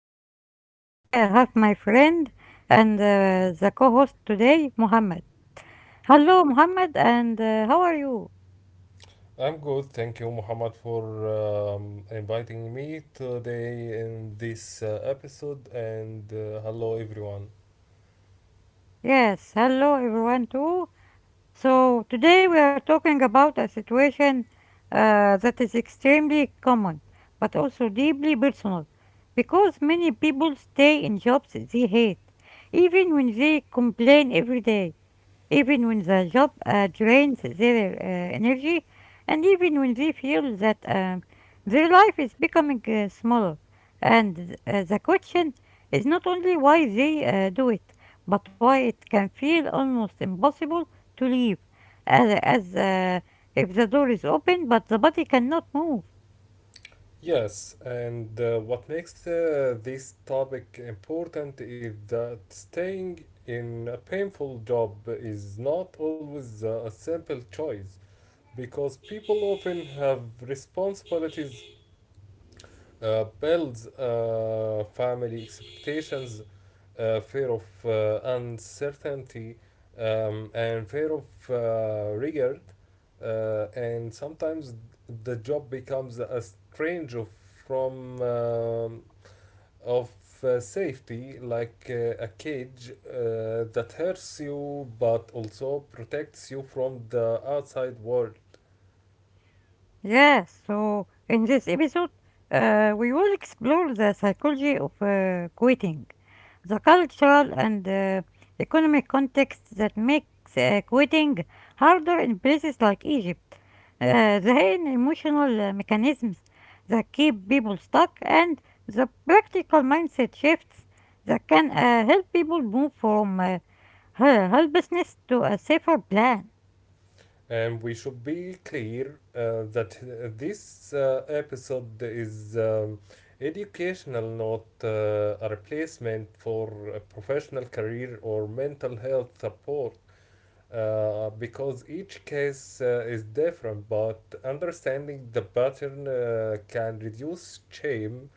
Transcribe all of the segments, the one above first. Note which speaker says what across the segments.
Speaker 1: Mohammed, and today I have my friend and the co-host today, Mohammed. Hello Mohammed, and how are you?
Speaker 2: I'm good. Thank you, Muhammad, for inviting me today in this episode. And hello, everyone.
Speaker 1: Yes, hello everyone too. So today we are talking about a situation that is extremely common, but also deeply personal, because many people stay in jobs they hate, even when they complain every day. Even when the job drains their energy, and even when they feel that their life is becoming smaller. And the question is not only why they do it, but why it can feel almost impossible to leave, as if the door is open but the body cannot move.
Speaker 2: Yes, and what makes this topic important is that staying in a painful job is not always a simple choice because people often have responsibilities builds family expectations, fear of uncertainty, and fear of regret. And sometimes the job becomes a strange of from of safety, like a cage that hurts you but also protects you from the outside world.
Speaker 1: Yes, so in this episode, we will explore the psychology of quitting, the cultural and economic context that makes quitting harder in places like Egypt, the hidden emotional mechanisms that keep people stuck, and the practical mindset shifts that can help people move from helplessness to a safer plan.
Speaker 2: And we should be clear that this episode is educational, not a replacement for a professional career or mental health support, because each case is different. But understanding the pattern can reduce shame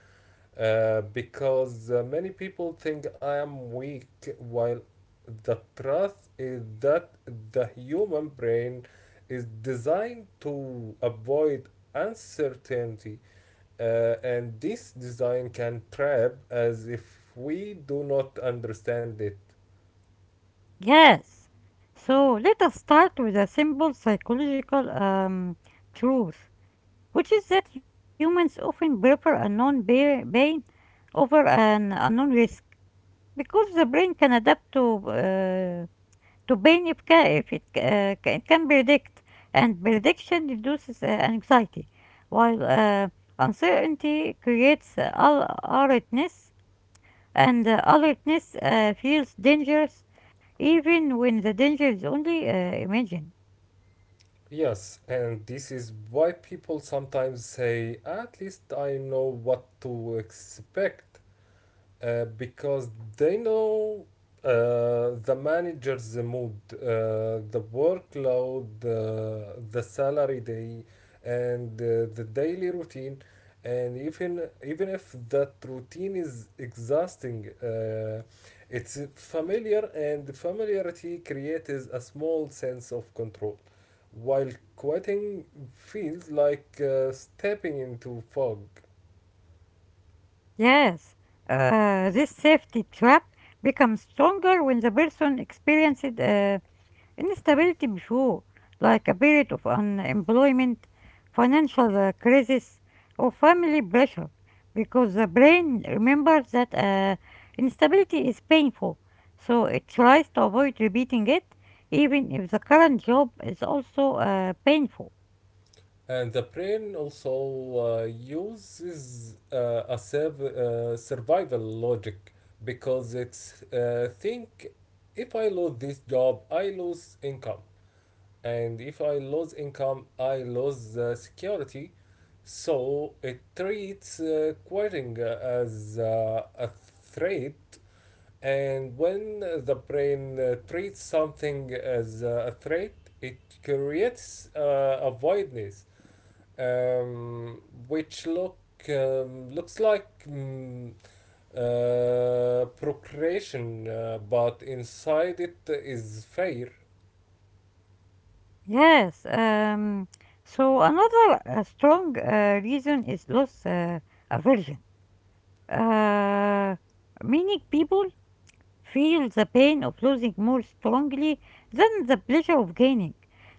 Speaker 2: because many people think I am weak, while the truth is that the human brain is designed to avoid uncertainty, and this design can trap as if we do not understand it.
Speaker 1: Yes. So let us start with a simple psychological truth, which is that humans often prefer a non pain over an unknown risk, because the brain can adapt to uh, to pain if it can predict, and prediction reduces anxiety, while uncertainty creates alertness, and alertness feels dangerous even when the danger is only imagined.
Speaker 2: Yes, and this is why people sometimes say, at least I know what to expect. Because they know the manager's mood, the workload, the salary day, and the daily routine. And even if that routine is exhausting, it's familiar, and familiarity creates a small sense of control. While quitting feels like stepping into fog.
Speaker 1: Yes, this safety trap becomes stronger when the person experiences instability before, like a period of unemployment, financial crisis, or family pressure, because the brain remembers that instability is painful, so it tries to avoid repeating it, even if the current job is also painful.
Speaker 2: And the brain also uses a survival logic because it's think if I lose this job, I lose income. And if I lose income, I lose security. So it treats quitting as a threat. And when the brain treats something as a threat, it creates a voidness um, which looks like procreation, but inside it is fair.
Speaker 1: Yes, so another strong reason is loss aversion. Uh, Meaning, people feel the pain of losing more strongly than the pleasure of gaining.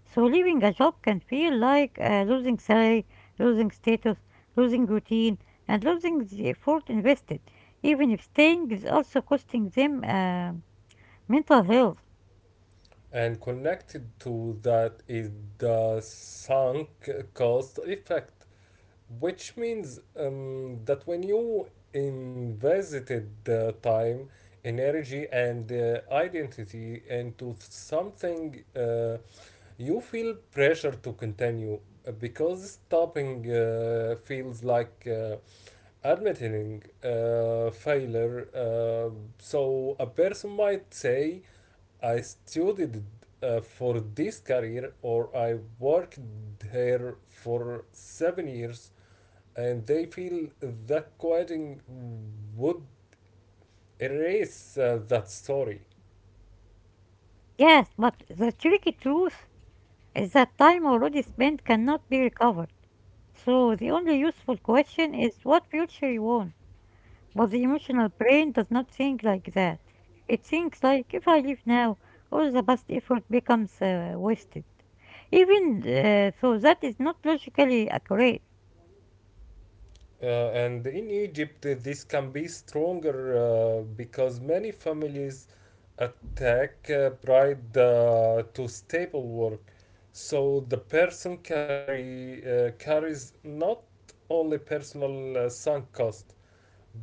Speaker 1: So leaving a job can feel like losing salary, losing status, losing routine, and losing the effort invested, even if staying is also costing them mental health.
Speaker 2: And connected to that is the sunk cost effect, which means that when you invested the time, energy, and identity into something you feel pressure to continue because stopping feels like admitting failure. So a person might say, I studied for this career or I worked here for 7 years, and they feel that quitting would erase that story.
Speaker 1: Yes, but the tricky truth is that time already spent cannot be recovered. So the only useful question is what future you want. But the emotional brain does not think like that. It thinks like, if I leave now, all the past effort becomes wasted. Even so, that is not logically accurate.
Speaker 2: And in Egypt, this can be stronger because many families attack pride to stable work. So the carries not only personal sunk cost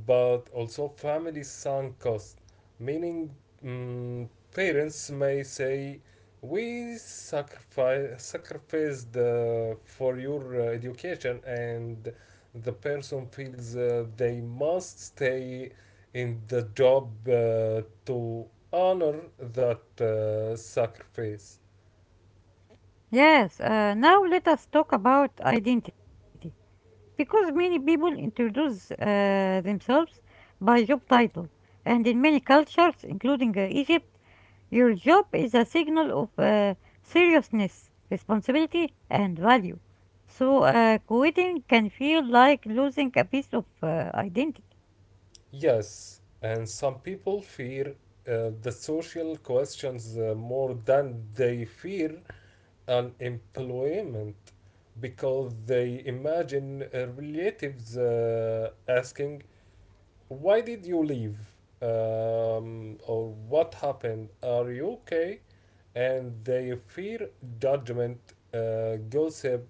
Speaker 2: but also family sunk cost, meaning mm, parents may say, "We sacrificed for your education," and the person feels they must stay in the job to honor that sacrifice.
Speaker 1: Yes, now let us talk about identity, because many people introduce themselves by job title, and in many cultures, including Egypt, your job is a signal of seriousness, responsibility, and value. So, quitting can feel like losing a piece of identity.
Speaker 2: Yes, and some people fear the social questions more than they fear unemployment because they imagine relatives asking, why did you leave? Or what happened? Are you okay? And they fear judgment, gossip,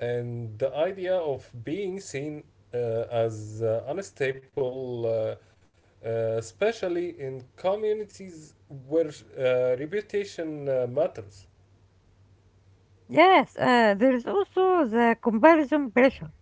Speaker 2: and the idea of being seen uh, as unstable, especially in communities where reputation matters.
Speaker 1: Yes, there is also the comparison pressure,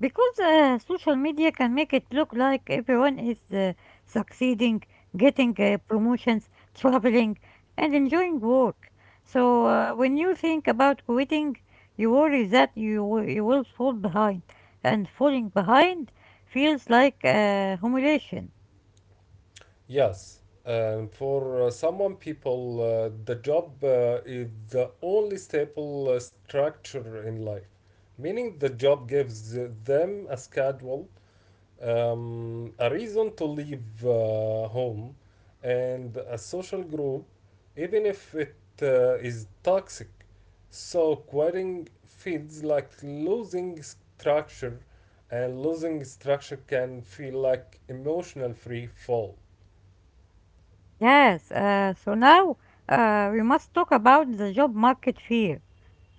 Speaker 1: because social media can make it look like everyone is succeeding, getting promotions, traveling, and enjoying work. So when you think about quitting, you worry that you will fall behind, and falling behind feels like humiliation.
Speaker 2: Yes, and for someone people, the job is the only stable structure in life, meaning the job gives them a schedule, a reason to leave home, and a social group, even if it is toxic. So quitting feels like losing structure, and losing structure can feel like emotional free fall.
Speaker 1: Yes, so now we must talk about the job market fear,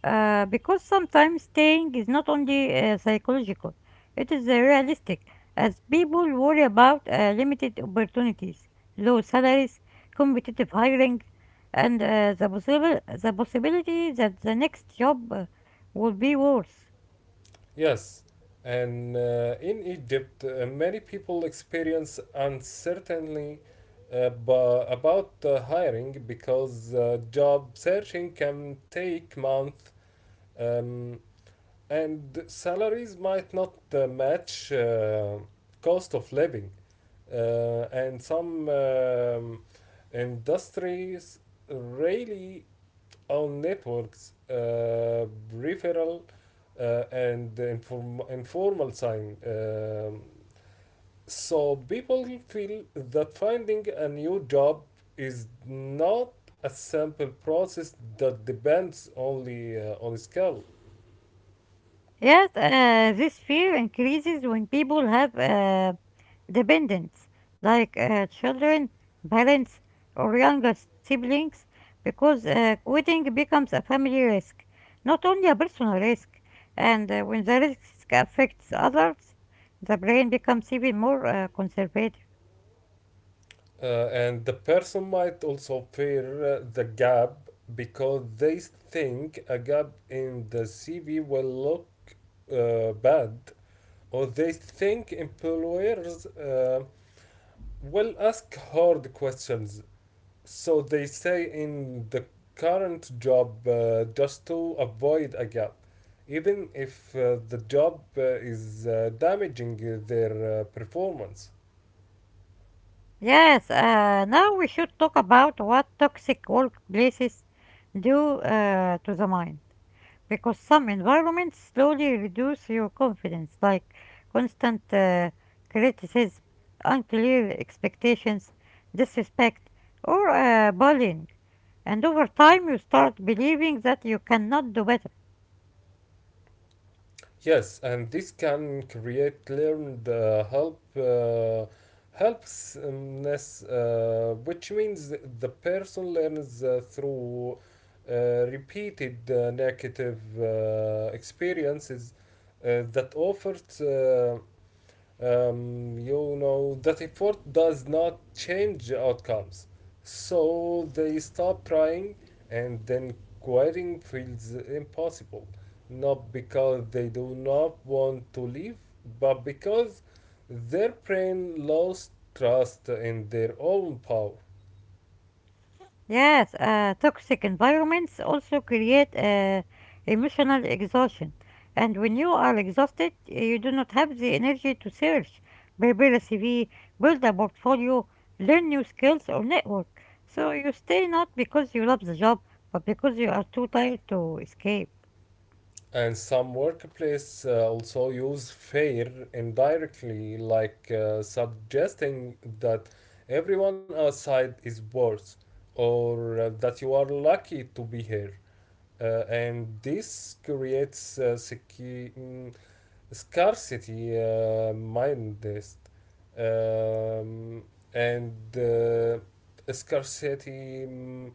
Speaker 1: because sometimes staying is not only psychological, it is realistic, as people worry about limited opportunities, low salaries, competitive hiring, and the possibility that the next job will be worse.
Speaker 2: Yes, and in Egypt, many people experience uncertainty about hiring because job searching can take months um, and salaries might not match cost of living. And some industries really on networks, peripheral and informal sign. So people feel that finding a new job is not a simple process that depends only on skill.
Speaker 1: Yet, this fear increases when people have dependents, like children, parents, or younger siblings, because quitting becomes a family risk, not only a personal risk. And when the risk affects others, the brain becomes even more conservative.
Speaker 2: And the person might also fear the gap because they think a gap in the CV will look bad, or they think employers well, ask hard questions. So they say in the current job just to avoid a gap, even if the job is damaging their performance.
Speaker 1: Yes, now we should talk about what toxic workplaces do to the mind, because some environments slowly reduce your confidence, like constant criticism, unclear expectations, disrespect, or bullying. And over time, you start believing that you cannot do better.
Speaker 2: Yes, and this can create learned helpsness, which means the person learns through uh, repeated negative experiences that offers. You know that effort does not change outcomes, so they stop trying, and then quitting feels impossible, not because they do not want to leave, but because their brain lost trust in their own power.
Speaker 1: Yes, toxic environments also create emotional exhaustion. And when you are exhausted, you do not have the energy to search, prepare a CV, build a portfolio, learn new skills, or network. So you stay not because you love the job, but because you are too tired to escape.
Speaker 2: And some workplace also use fair indirectly, like suggesting that everyone outside is worse or that you are lucky to be here. And this creates scarcity mindset um, and scarcity mm,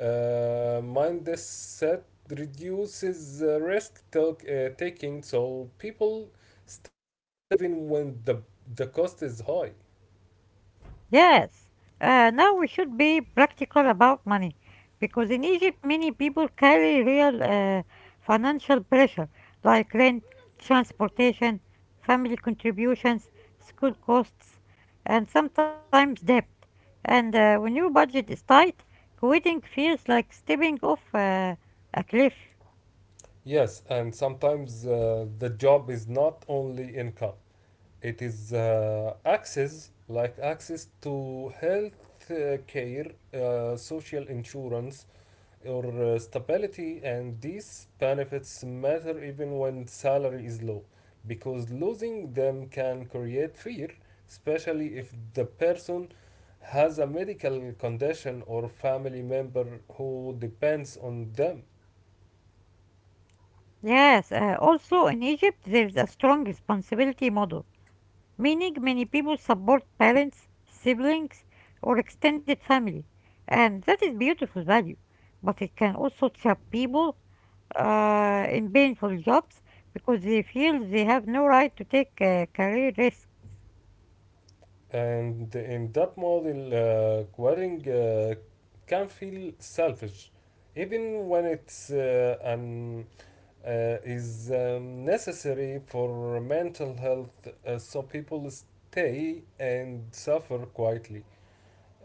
Speaker 2: mind this set reduces taking, so people stay even when the cost is high.
Speaker 1: Yes. Now we should be practical about money, because in Egypt, many people carry real financial pressure, like rent, transportation, family contributions, school costs, and sometimes debt. And when your budget is tight, quitting feels like stepping off a cliff.
Speaker 2: Yes, and sometimes the job is not only income; it is access, like access to health care, social insurance, or stability, and these benefits matter even when salary is low because losing them can create fear, especially if the person has a medical condition or family member who depends on them.
Speaker 1: Yes. Also, in Egypt, there's a strong responsibility model, meaning many people support parents, siblings, or extended family, and that is beautiful value. But it can also trap people in painful jobs, because they feel they have no right to take a career risk.
Speaker 2: And in that model, querying can feel selfish, even when it's an is necessary for mental health, so people stay and suffer quietly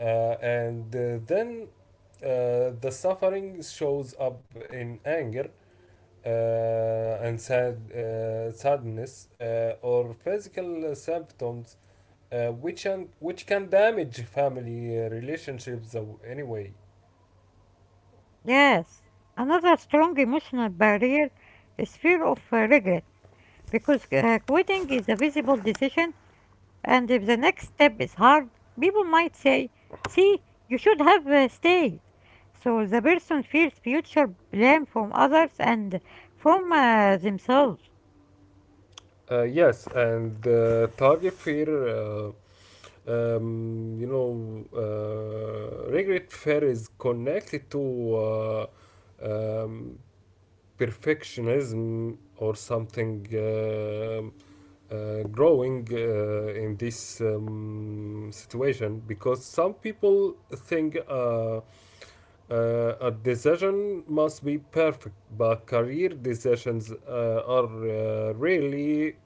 Speaker 2: uh, and then the suffering shows up in anger uh, and sadness or physical symptoms which can damage family relationships anyway.
Speaker 1: Yes, another strong emotional barrier is fear of regret, because quitting is a visible decision. And if the next step is hard, people might say, "See, you should have stayed." So the person feels future blame from others and from themselves.
Speaker 2: Uh, yes, and target fear, regret fair is connected to um, perfectionism or something growing in this situation because some people think a decision must be perfect, but career decisions are really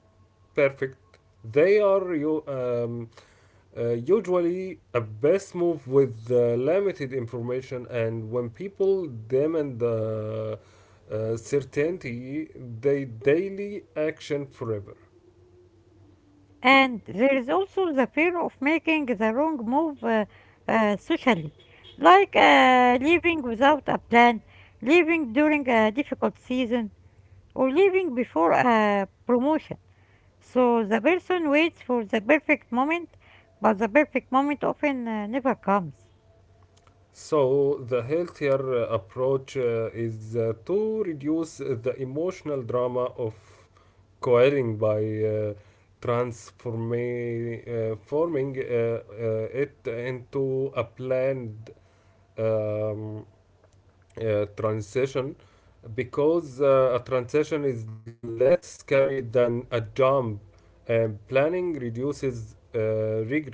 Speaker 2: perfect. They are you. Usually, a best move with limited information, and when people demand certainty, they daily action forever.
Speaker 1: And there is also the fear of making the wrong move socially, like leaving without a plan, leaving during a difficult season, or leaving before a promotion. So the person waits for the perfect moment, but the perfect moment often never comes.
Speaker 2: So, the healthier approach is to reduce the emotional drama of coerring by uh, transforming it into a planned um, transition because a transition is less scary than a jump, and planning reduces regret.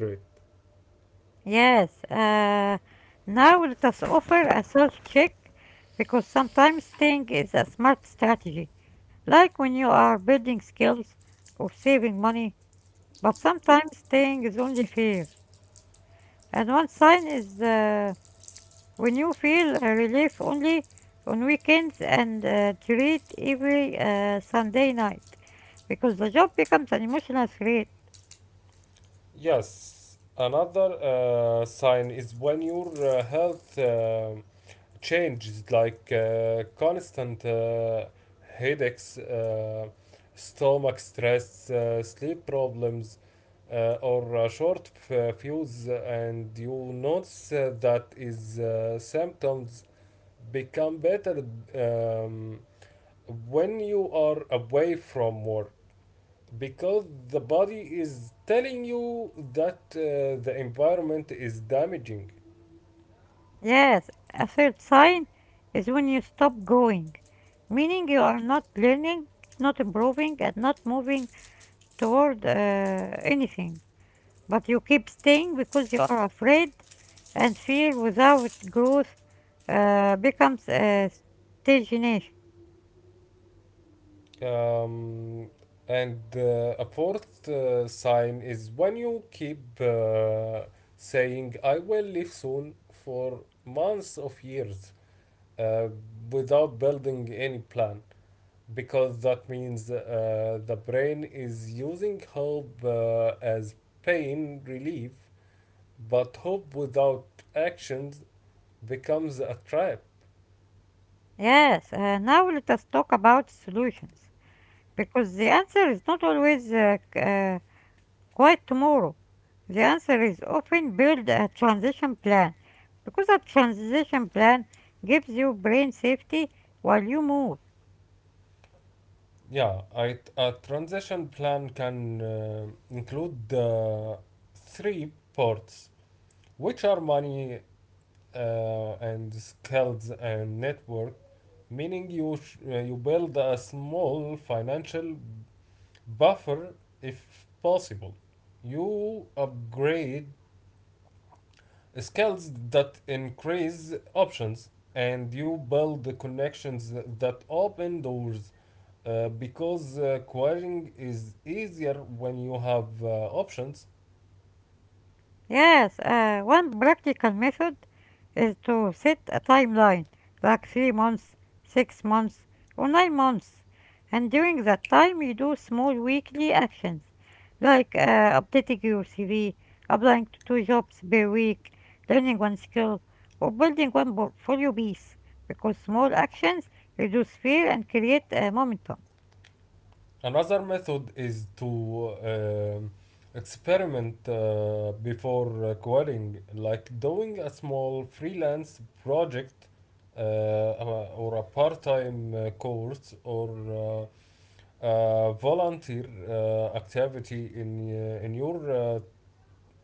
Speaker 1: Yes, now let us offer a self check, because sometimes staying is a smart strategy, like when you are building skills or saving money, but sometimes staying is only fear. And one sign is when you feel relief only on weekends and treat every Sunday night, because the job becomes an emotional threat.
Speaker 2: Yes, another sign is when your health changes, like constant headaches, stomach stress, sleep problems, or short fuse, and you notice that is symptoms become better um, when you are away from work, because the body is telling you that the environment is damaging.
Speaker 1: Yes, a third sign is when you stop growing, meaning you are not learning, not improving, and not moving toward anything. But you keep staying because you are afraid, and fear without growth becomes stagnation.
Speaker 2: Um, and uh, a fourth sign is when you keep saying I will live soon for months of years, uh, without building any plan, because that means the brain is using hope as pain relief, but hope without actions becomes a trap.
Speaker 1: Yes, now let us talk about solutions, because the answer is not always quite tomorrow. The answer is often build a transition plan, because a transition plan gives you brain safety while you move.
Speaker 2: Yeah, a transition plan can include the three parts, which are money and skills and network, meaning you build a small financial buffer if possible. You upgrade skills that increase options and you build the connections that open doors because querying is easier when you have options.
Speaker 1: Yes, one practical method is to set a timeline, like 3 months, 6 months, or 9 months. And during that time, you do small weekly actions, like updating your CV, applying to two jobs per week, learning one skill, or building one portfolio piece, because small actions reduce fear and create momentum.
Speaker 2: Another method is to um experiment before quitting, like doing a small freelance project or a part time course or uh, volunteer activity in your uh,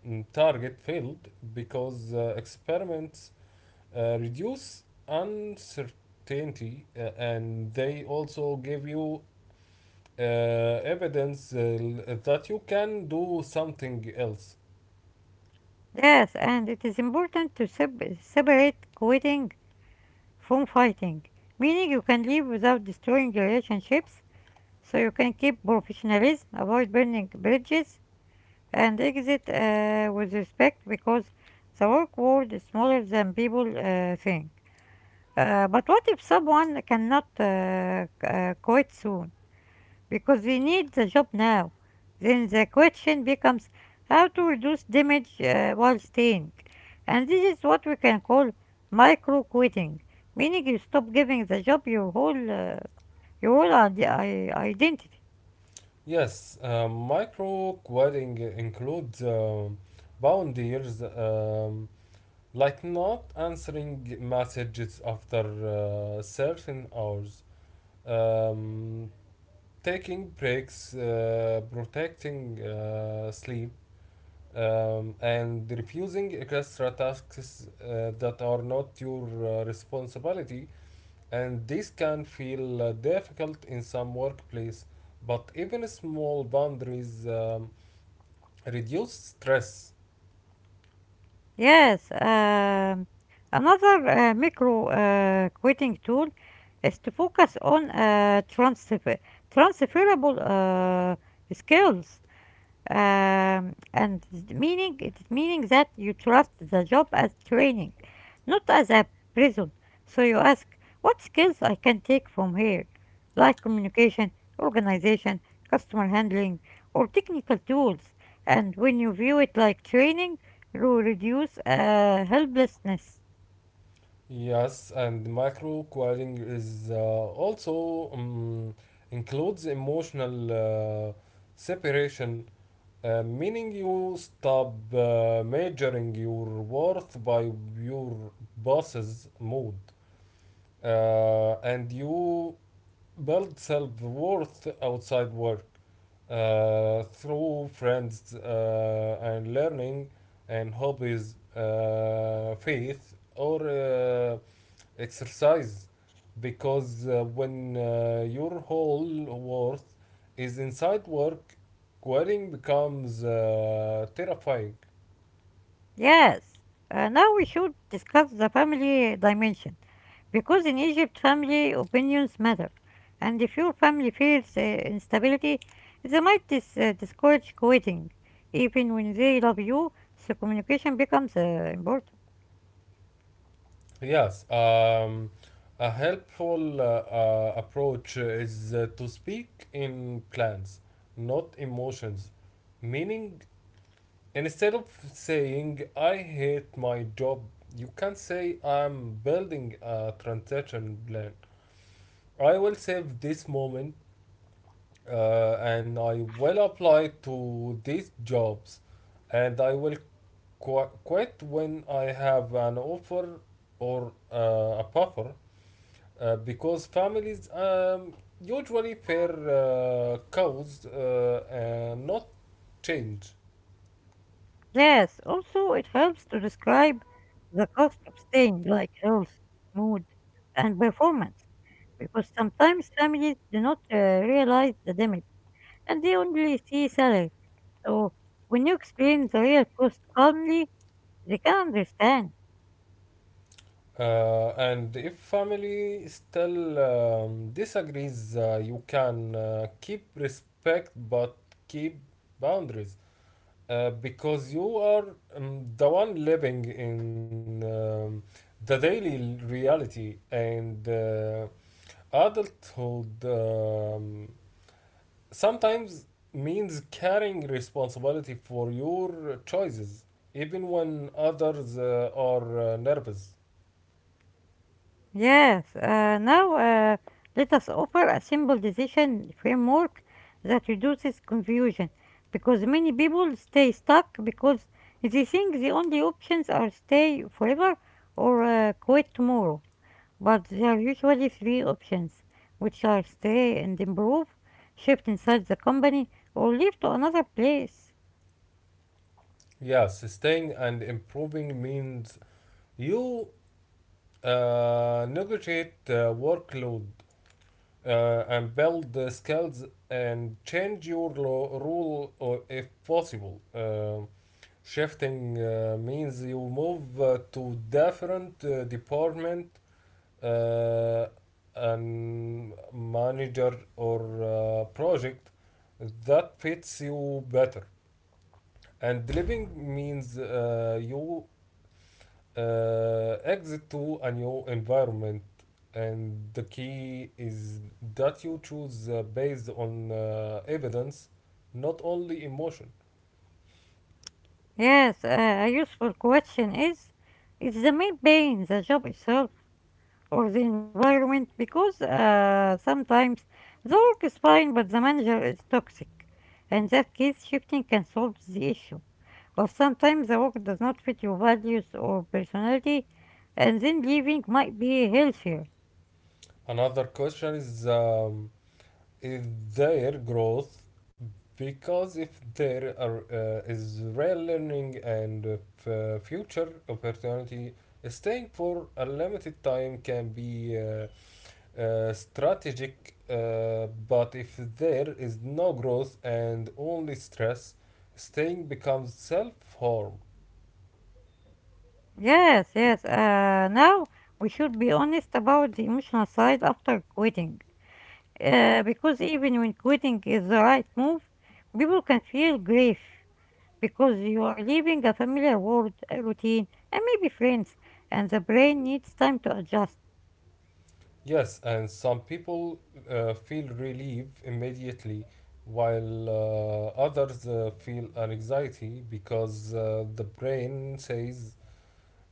Speaker 2: mm, target field, because experiments reduce uncertainty, and they also give you evidence, that you can do something else.
Speaker 1: Yes, and it is important to separate quitting from fighting, meaning you can leave without destroying relationships, so you can keep professionalism, avoid burning bridges, and exit with respect, because the work world is smaller than people think. But what if someone cannot quit soon? Because we need the job now. Then the question becomes how to reduce damage while staying. And this is what we can call micro quitting, meaning you stop giving the job your whole identity.
Speaker 2: Yes, micro querying includes boundaries, like not answering messages after certain hours, um, taking breaks, protecting sleep, and refusing extra tasks that are not your responsibility, and this can feel difficult in some workplace, but even small boundaries reduce stress.
Speaker 1: Yes, another micro quitting tool is to focus on transferable skills, and the meaning it is meaning that you trust the job as training, not as a prison. So you ask, what skills I can take from here, like communication, organization, customer handling, or technical tools. And when you view it like training, you reduce helplessness.
Speaker 2: Yes, and micro quilling is also includes emotional separation, meaning you stop measuring your worth by your boss's mood, and you build self-worth outside work through friends and learning and hobbies, faith or exercise. Because when your whole worth is inside work, quitting becomes terrifying.
Speaker 1: Yes. Now we should discuss the family dimension, because in Egypt, family opinions matter, and if your family feels instability, they might discourage quitting, even when they love you, so communication becomes important.
Speaker 2: Yes, a helpful approach is to speak in plans, not emotions. Meaning, instead of saying, I hate my job, you can say, I'm building a transition plan. I will save this moment and I will apply to these jobs and I will quit when I have an offer or a buffer, because families usually fear cows and not change.
Speaker 1: Yes, also it helps to describe the cost of staying, like health, mood, and performance, because sometimes families do not realize the damage and they only see salary. So when you explain the real cost calmly, they can understand.
Speaker 2: And if family still disagrees, you can keep respect but keep boundaries because you are the one living in the daily reality, and adulthood sometimes means carrying responsibility for your choices even when others are nervous.
Speaker 1: Yes, now let us offer a simple decision framework that reduces confusion, because many people stay stuck because they think the only options are stay forever or quit tomorrow. But there are usually three options, which are stay and improve, shift inside the company, or leave to another place.
Speaker 2: Yeah, sustaining and improving means you negotiate workload and build the skills and change your rule or if possible. Shifting means you move to different department uh, and manager or project that fits you better. And living means you exit to a new environment, and the key is that you choose based on evidence, not only emotion.
Speaker 1: Yes, a useful question is the main pain the job itself, or the environment? Because sometimes the work is fine but the manager is toxic. In that case, shifting can solve the issue. Or sometimes the work does not fit your values or personality, and then leaving might be healthier.
Speaker 2: Another question is there growth? Because if there are, is real learning and future opportunity, staying for a limited time can be strategic, but if there is no growth and only stress, staying becomes self harm.
Speaker 1: Yes, yes. Now we should be honest about the emotional side after quitting, because even when quitting is the right move, people can feel grief, because you are leaving a familiar world, a routine, and maybe friends, and the brain needs time to adjust.
Speaker 2: Yes, and some people feel relief immediately, while others feel anxiety because the brain says,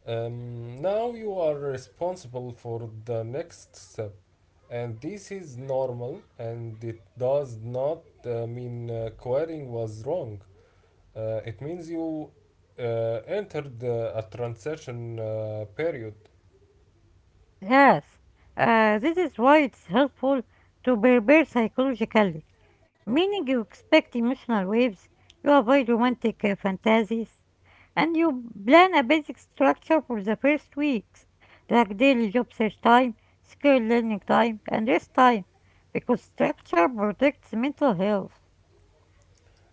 Speaker 2: now you are responsible for the next step. And this is normal, and it does not mean quitting was wrong. It means you uh, entered a transition period,
Speaker 1: Yes, this is why it's helpful to prepare psychologically, meaning you expect emotional waves, you avoid romantic fantasies, and you plan a basic structure for the first weeks, like daily job search time, skill learning time, and rest time, because structure protects mental health.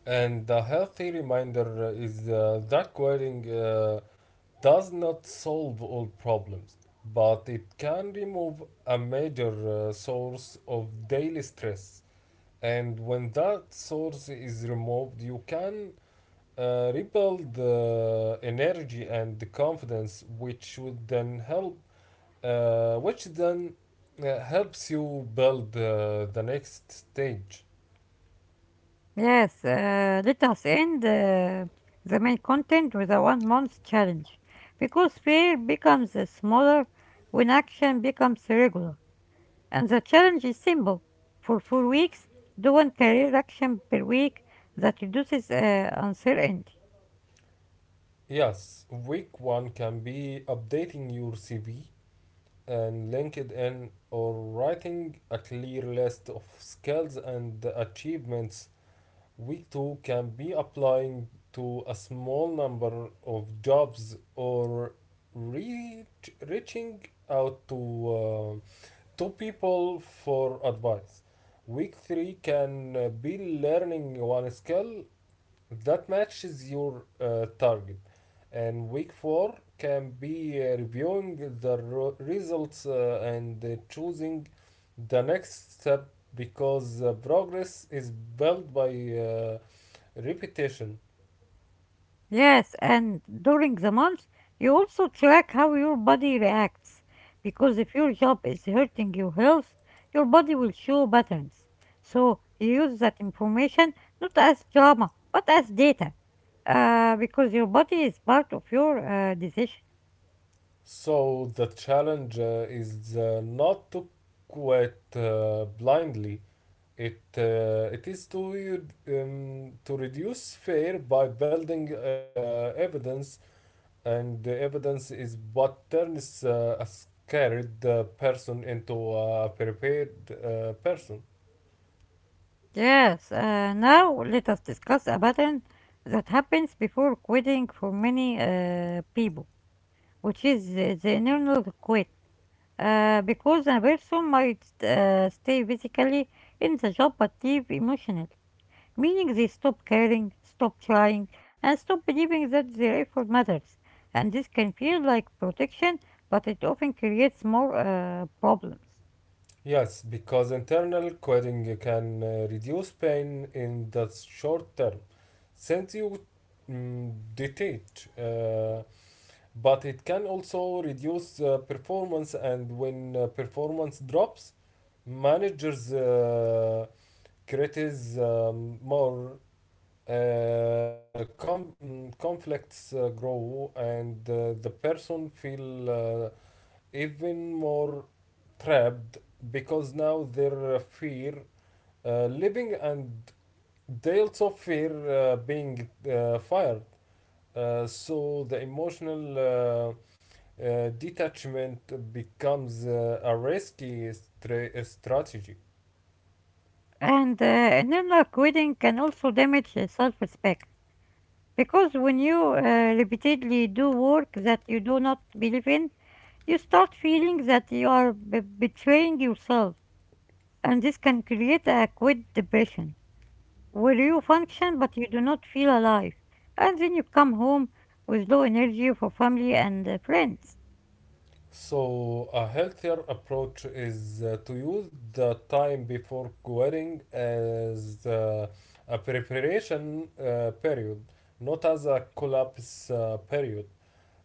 Speaker 2: and the healthy reminder is that quitting does not solve all problems, but it can remove a major source of daily stress. And when that source is removed, you can rebuild the energy and the confidence, which would then help which then helps you build the next stage.
Speaker 1: Yes, let us end the main content with a 1 month challenge because fear becomes smaller when action becomes regular. And the challenge is simple. For 4 weeks, do one career action per week that reduces uncertainty.
Speaker 2: Yes, week one can be updating your CV and LinkedIn or writing a clear list of skills and achievements. Week two can be applying to a small number of jobs or reaching out to people for advice. Week three can be learning one skill that matches your target, and week four can be reviewing the results and choosing the next step because progress is built by repetition.
Speaker 1: Yes, and during the month, you also track how your body reacts. Because if your job is hurting your health, your body will show patterns. So you use that information not as drama, but as data. Because your body is part of your decision.
Speaker 2: So the challenge is not to quit blindly. It is to reduce fear by building evidence, and the evidence is what turns a scared person into a prepared person.
Speaker 1: Yes, now let us discuss a pattern that happens before quitting for many people, which is the internal quit. Because a person might stay physically in the job but leave emotionally, meaning they stop caring, stop trying, and stop believing that their effort matters. And this can feel like protection, but it often creates more problems.
Speaker 2: Yes, because internal quitting can reduce pain in the short term, since you detach. But it can also reduce performance, and when performance drops managers creates more conflicts grow and the person feel even more trapped because now their fear living and they also fear being fired, so the emotional detachment becomes a risky strategy.
Speaker 1: And internal quitting can also damage self respect because when you repeatedly do work that you do not believe in, you start feeling that you are betraying yourself, and this can create a quit depression where you function but you do not feel alive. And then you come home with low energy for family and friends.
Speaker 2: So, a healthier approach is to use the time before quitting as a preparation period, not as a collapse period.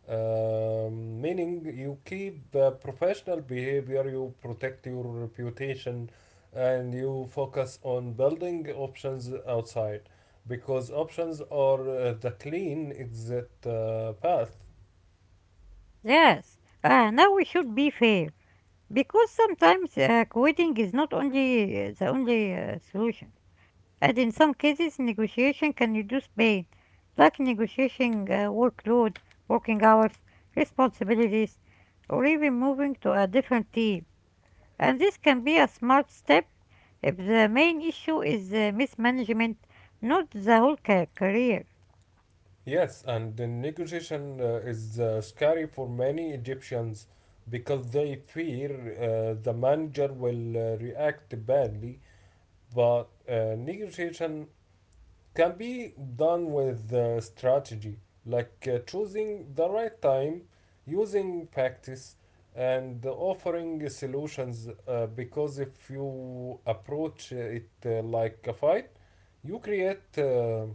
Speaker 2: Meaning, you keep professional behavior, you protect your reputation, and you focus on building options outside because options are the clean exit path.
Speaker 1: Yes, now we should be fair because sometimes quitting is not only the only solution. And in some cases, negotiation can reduce pain, like negotiating workload, working hours, responsibilities, or even moving to a different team. And this can be a smart step if the main issue is mismanagement, not the whole career.
Speaker 2: Yes, and the negotiation is scary for many Egyptians because they fear the manager will react badly. But negotiation can be done with strategy, like choosing the right time, using practice, and offering solutions. Because if you approach it like a fight, you create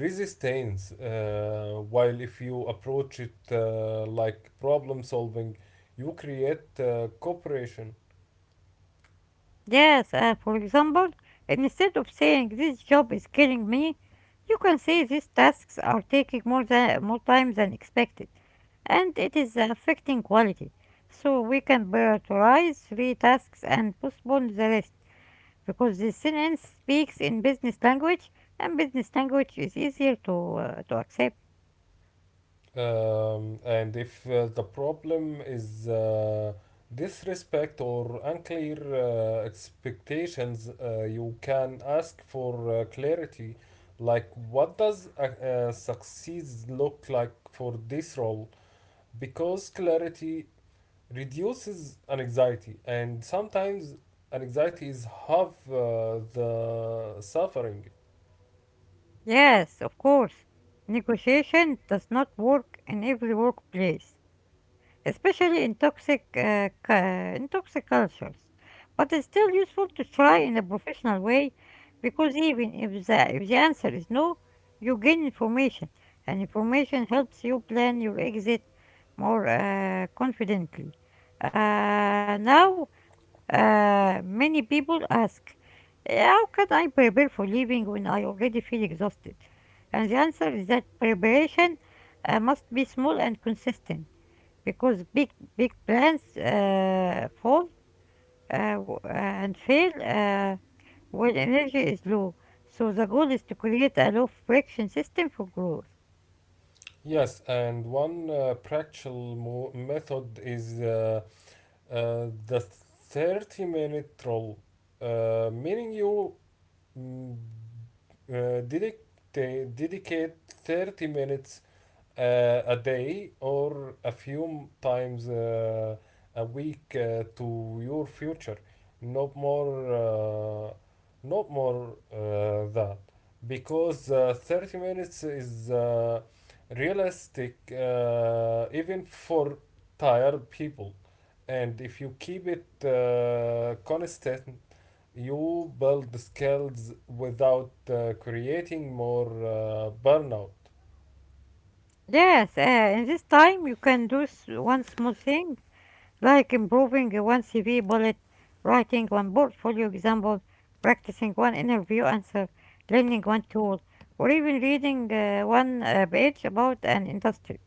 Speaker 2: resistance, while if you approach it like problem solving you create cooperation.
Speaker 1: Yes, for example, instead of saying this job is killing me, you can say these tasks are taking more time than expected and it is affecting quality. So we can prioritize three tasks and postpone the rest because this sentence speaks in business language and business language is easier to accept.
Speaker 2: And if the problem is disrespect or unclear expectations, you can ask for clarity, like what does success look like for this role, because clarity reduces anxiety, and sometimes anxiety is half the suffering.
Speaker 1: Yes, of course. Negotiation does not work in every workplace, especially in in toxic cultures. But it's still useful to try in a professional way, because even if the answer is no, you gain information, and information helps you plan your exit more confidently. Now, many people ask, how can I prepare for leaving when I already feel exhausted? And the answer is that preparation must be small and consistent because big plans fall and fail when energy is low. So the goal is to create a low friction system for growth.
Speaker 2: Yes, and one practical method is the 30-minute rule, meaning you mm, dedicate 30 minutes a day or a few times a week to your future, not more uh, not more that, because 30 minutes is realistic even for tired people, and if you keep it constant you build skills without creating more burnout.
Speaker 1: Yes, in this time you can do one small thing like improving one CV bullet, writing one portfolio example, practicing one interview answer, learning one tool, or even reading one page about an industry.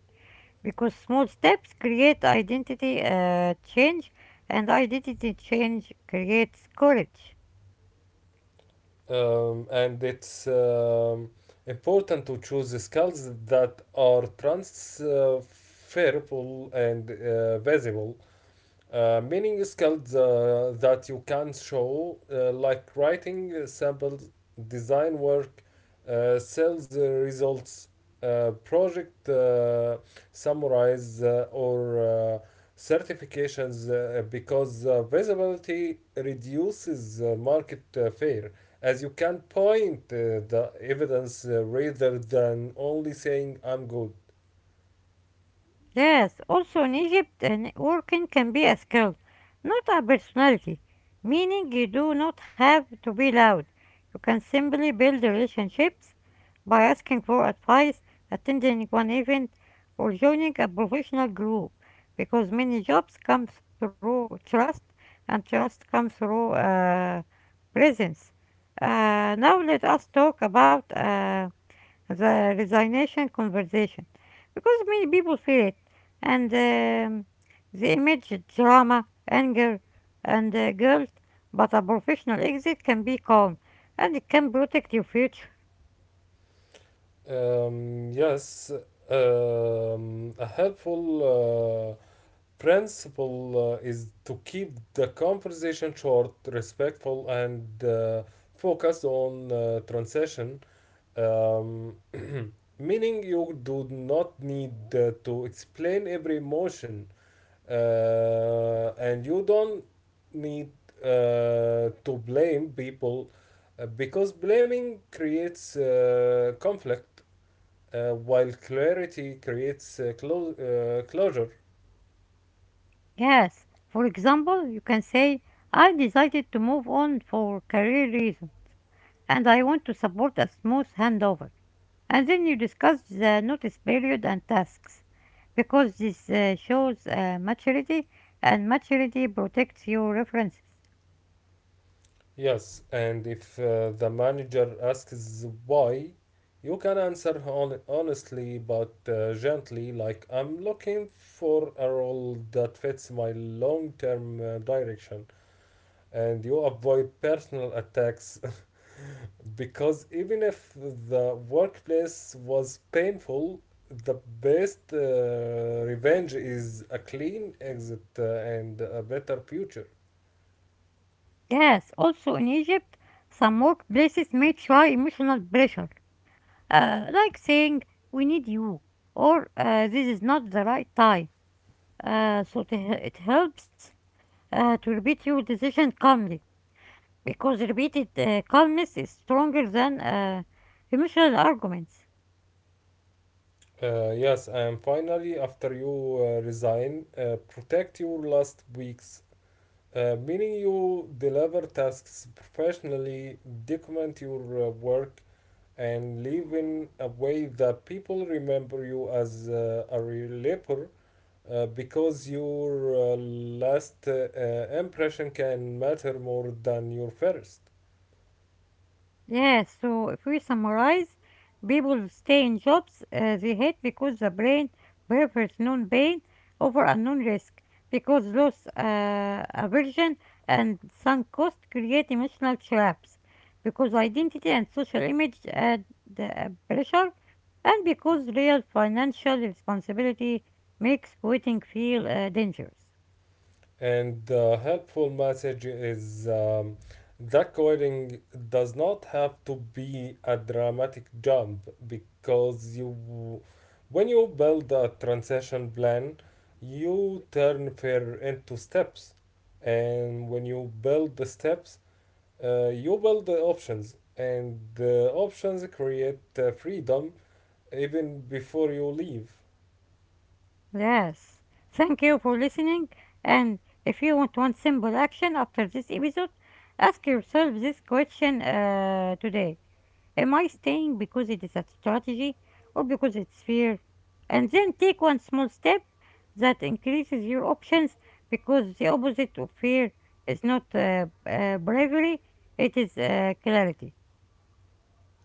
Speaker 1: Because small steps create identity change, and identity change creates courage.
Speaker 2: And it's important to choose the skills that are transferable and visible, meaning skills that you can show, like writing samples, design work, sales results, project summarize, or certifications, because visibility reduces market fear, as you can point the evidence rather than only saying I'm good.
Speaker 1: Yes, also in Egypt, networking can be a skill, not a personality, meaning you do not have to be loud. You can simply build relationships by asking for advice, attending one event, or joining a professional group, because many jobs come through trust, and trust comes through presence. Now let us talk about the resignation conversation because many people feel it and they image drama anger and guilt, but a professional exit can be calm and it can protect your future.
Speaker 2: Yes, a helpful principle is to keep the conversation short, respectful, and focused on transition. Um, meaning you do not need to explain every emotion, and you don't need to blame people because blaming creates conflict, while clarity creates closure.
Speaker 1: Yes, for example, you can say I decided to move on for career reasons, and I want to support a smooth handover, and then you discuss the notice period and tasks because this shows maturity, and maturity protects your references.
Speaker 2: Yes, and if the manager asks why, you can answer honestly but gently, like, I'm looking for a role that fits my long term direction, and you avoid personal attacks because even if the workplace was painful, the best revenge is a clean exit and a better future.
Speaker 1: Yes, also in Egypt, some workplaces may try emotional pressure, like saying, we need you, or this is not the right time. Uh, so to, it helps to repeat your decision calmly, because repeated calmness is stronger than emotional arguments.
Speaker 2: Yes, and finally, after you resign, protect your last weeks. Meaning you deliver tasks professionally, document your work, and live in a way that people remember you as a reliever. Because your last impression can matter more than your first.
Speaker 1: Yeah, so if we summarize, people stay in jobs they hate because the brain prefers known pain over unknown risk, because loss, aversion, and sunk cost create emotional traps, because identity and social image add pressure, and because real financial responsibility makes quitting feel dangerous.
Speaker 2: And the helpful message is that coding does not have to be a dramatic jump because when you build a transition plan, you turn fair into steps. And when you build the steps, you build the options, and the options create freedom even before you leave.
Speaker 1: Yes. Thank you for listening. And if you want one simple action after this episode, ask yourself this question today. Am I staying because it is a strategy or because it's fear? And then take one small step that increases your options because the opposite of fear is not bravery, it is clarity.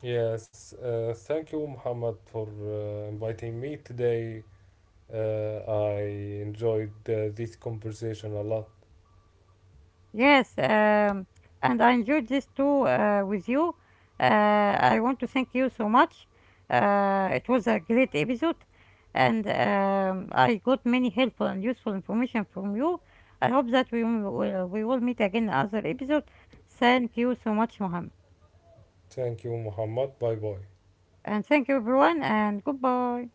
Speaker 2: Yes, thank you, Muhammad, for inviting me today. Uh, I enjoyed this conversation a lot.
Speaker 1: Yes, and I enjoyed this too with you. Uh, I want to thank you so much. It was a great episode, and I got many helpful and useful information from you. I hope that we will meet again in other episode. Thank you so much, Mohammed,
Speaker 2: Thank you, Muhammad. Bye bye.
Speaker 1: and thank you everyone, and goodbye.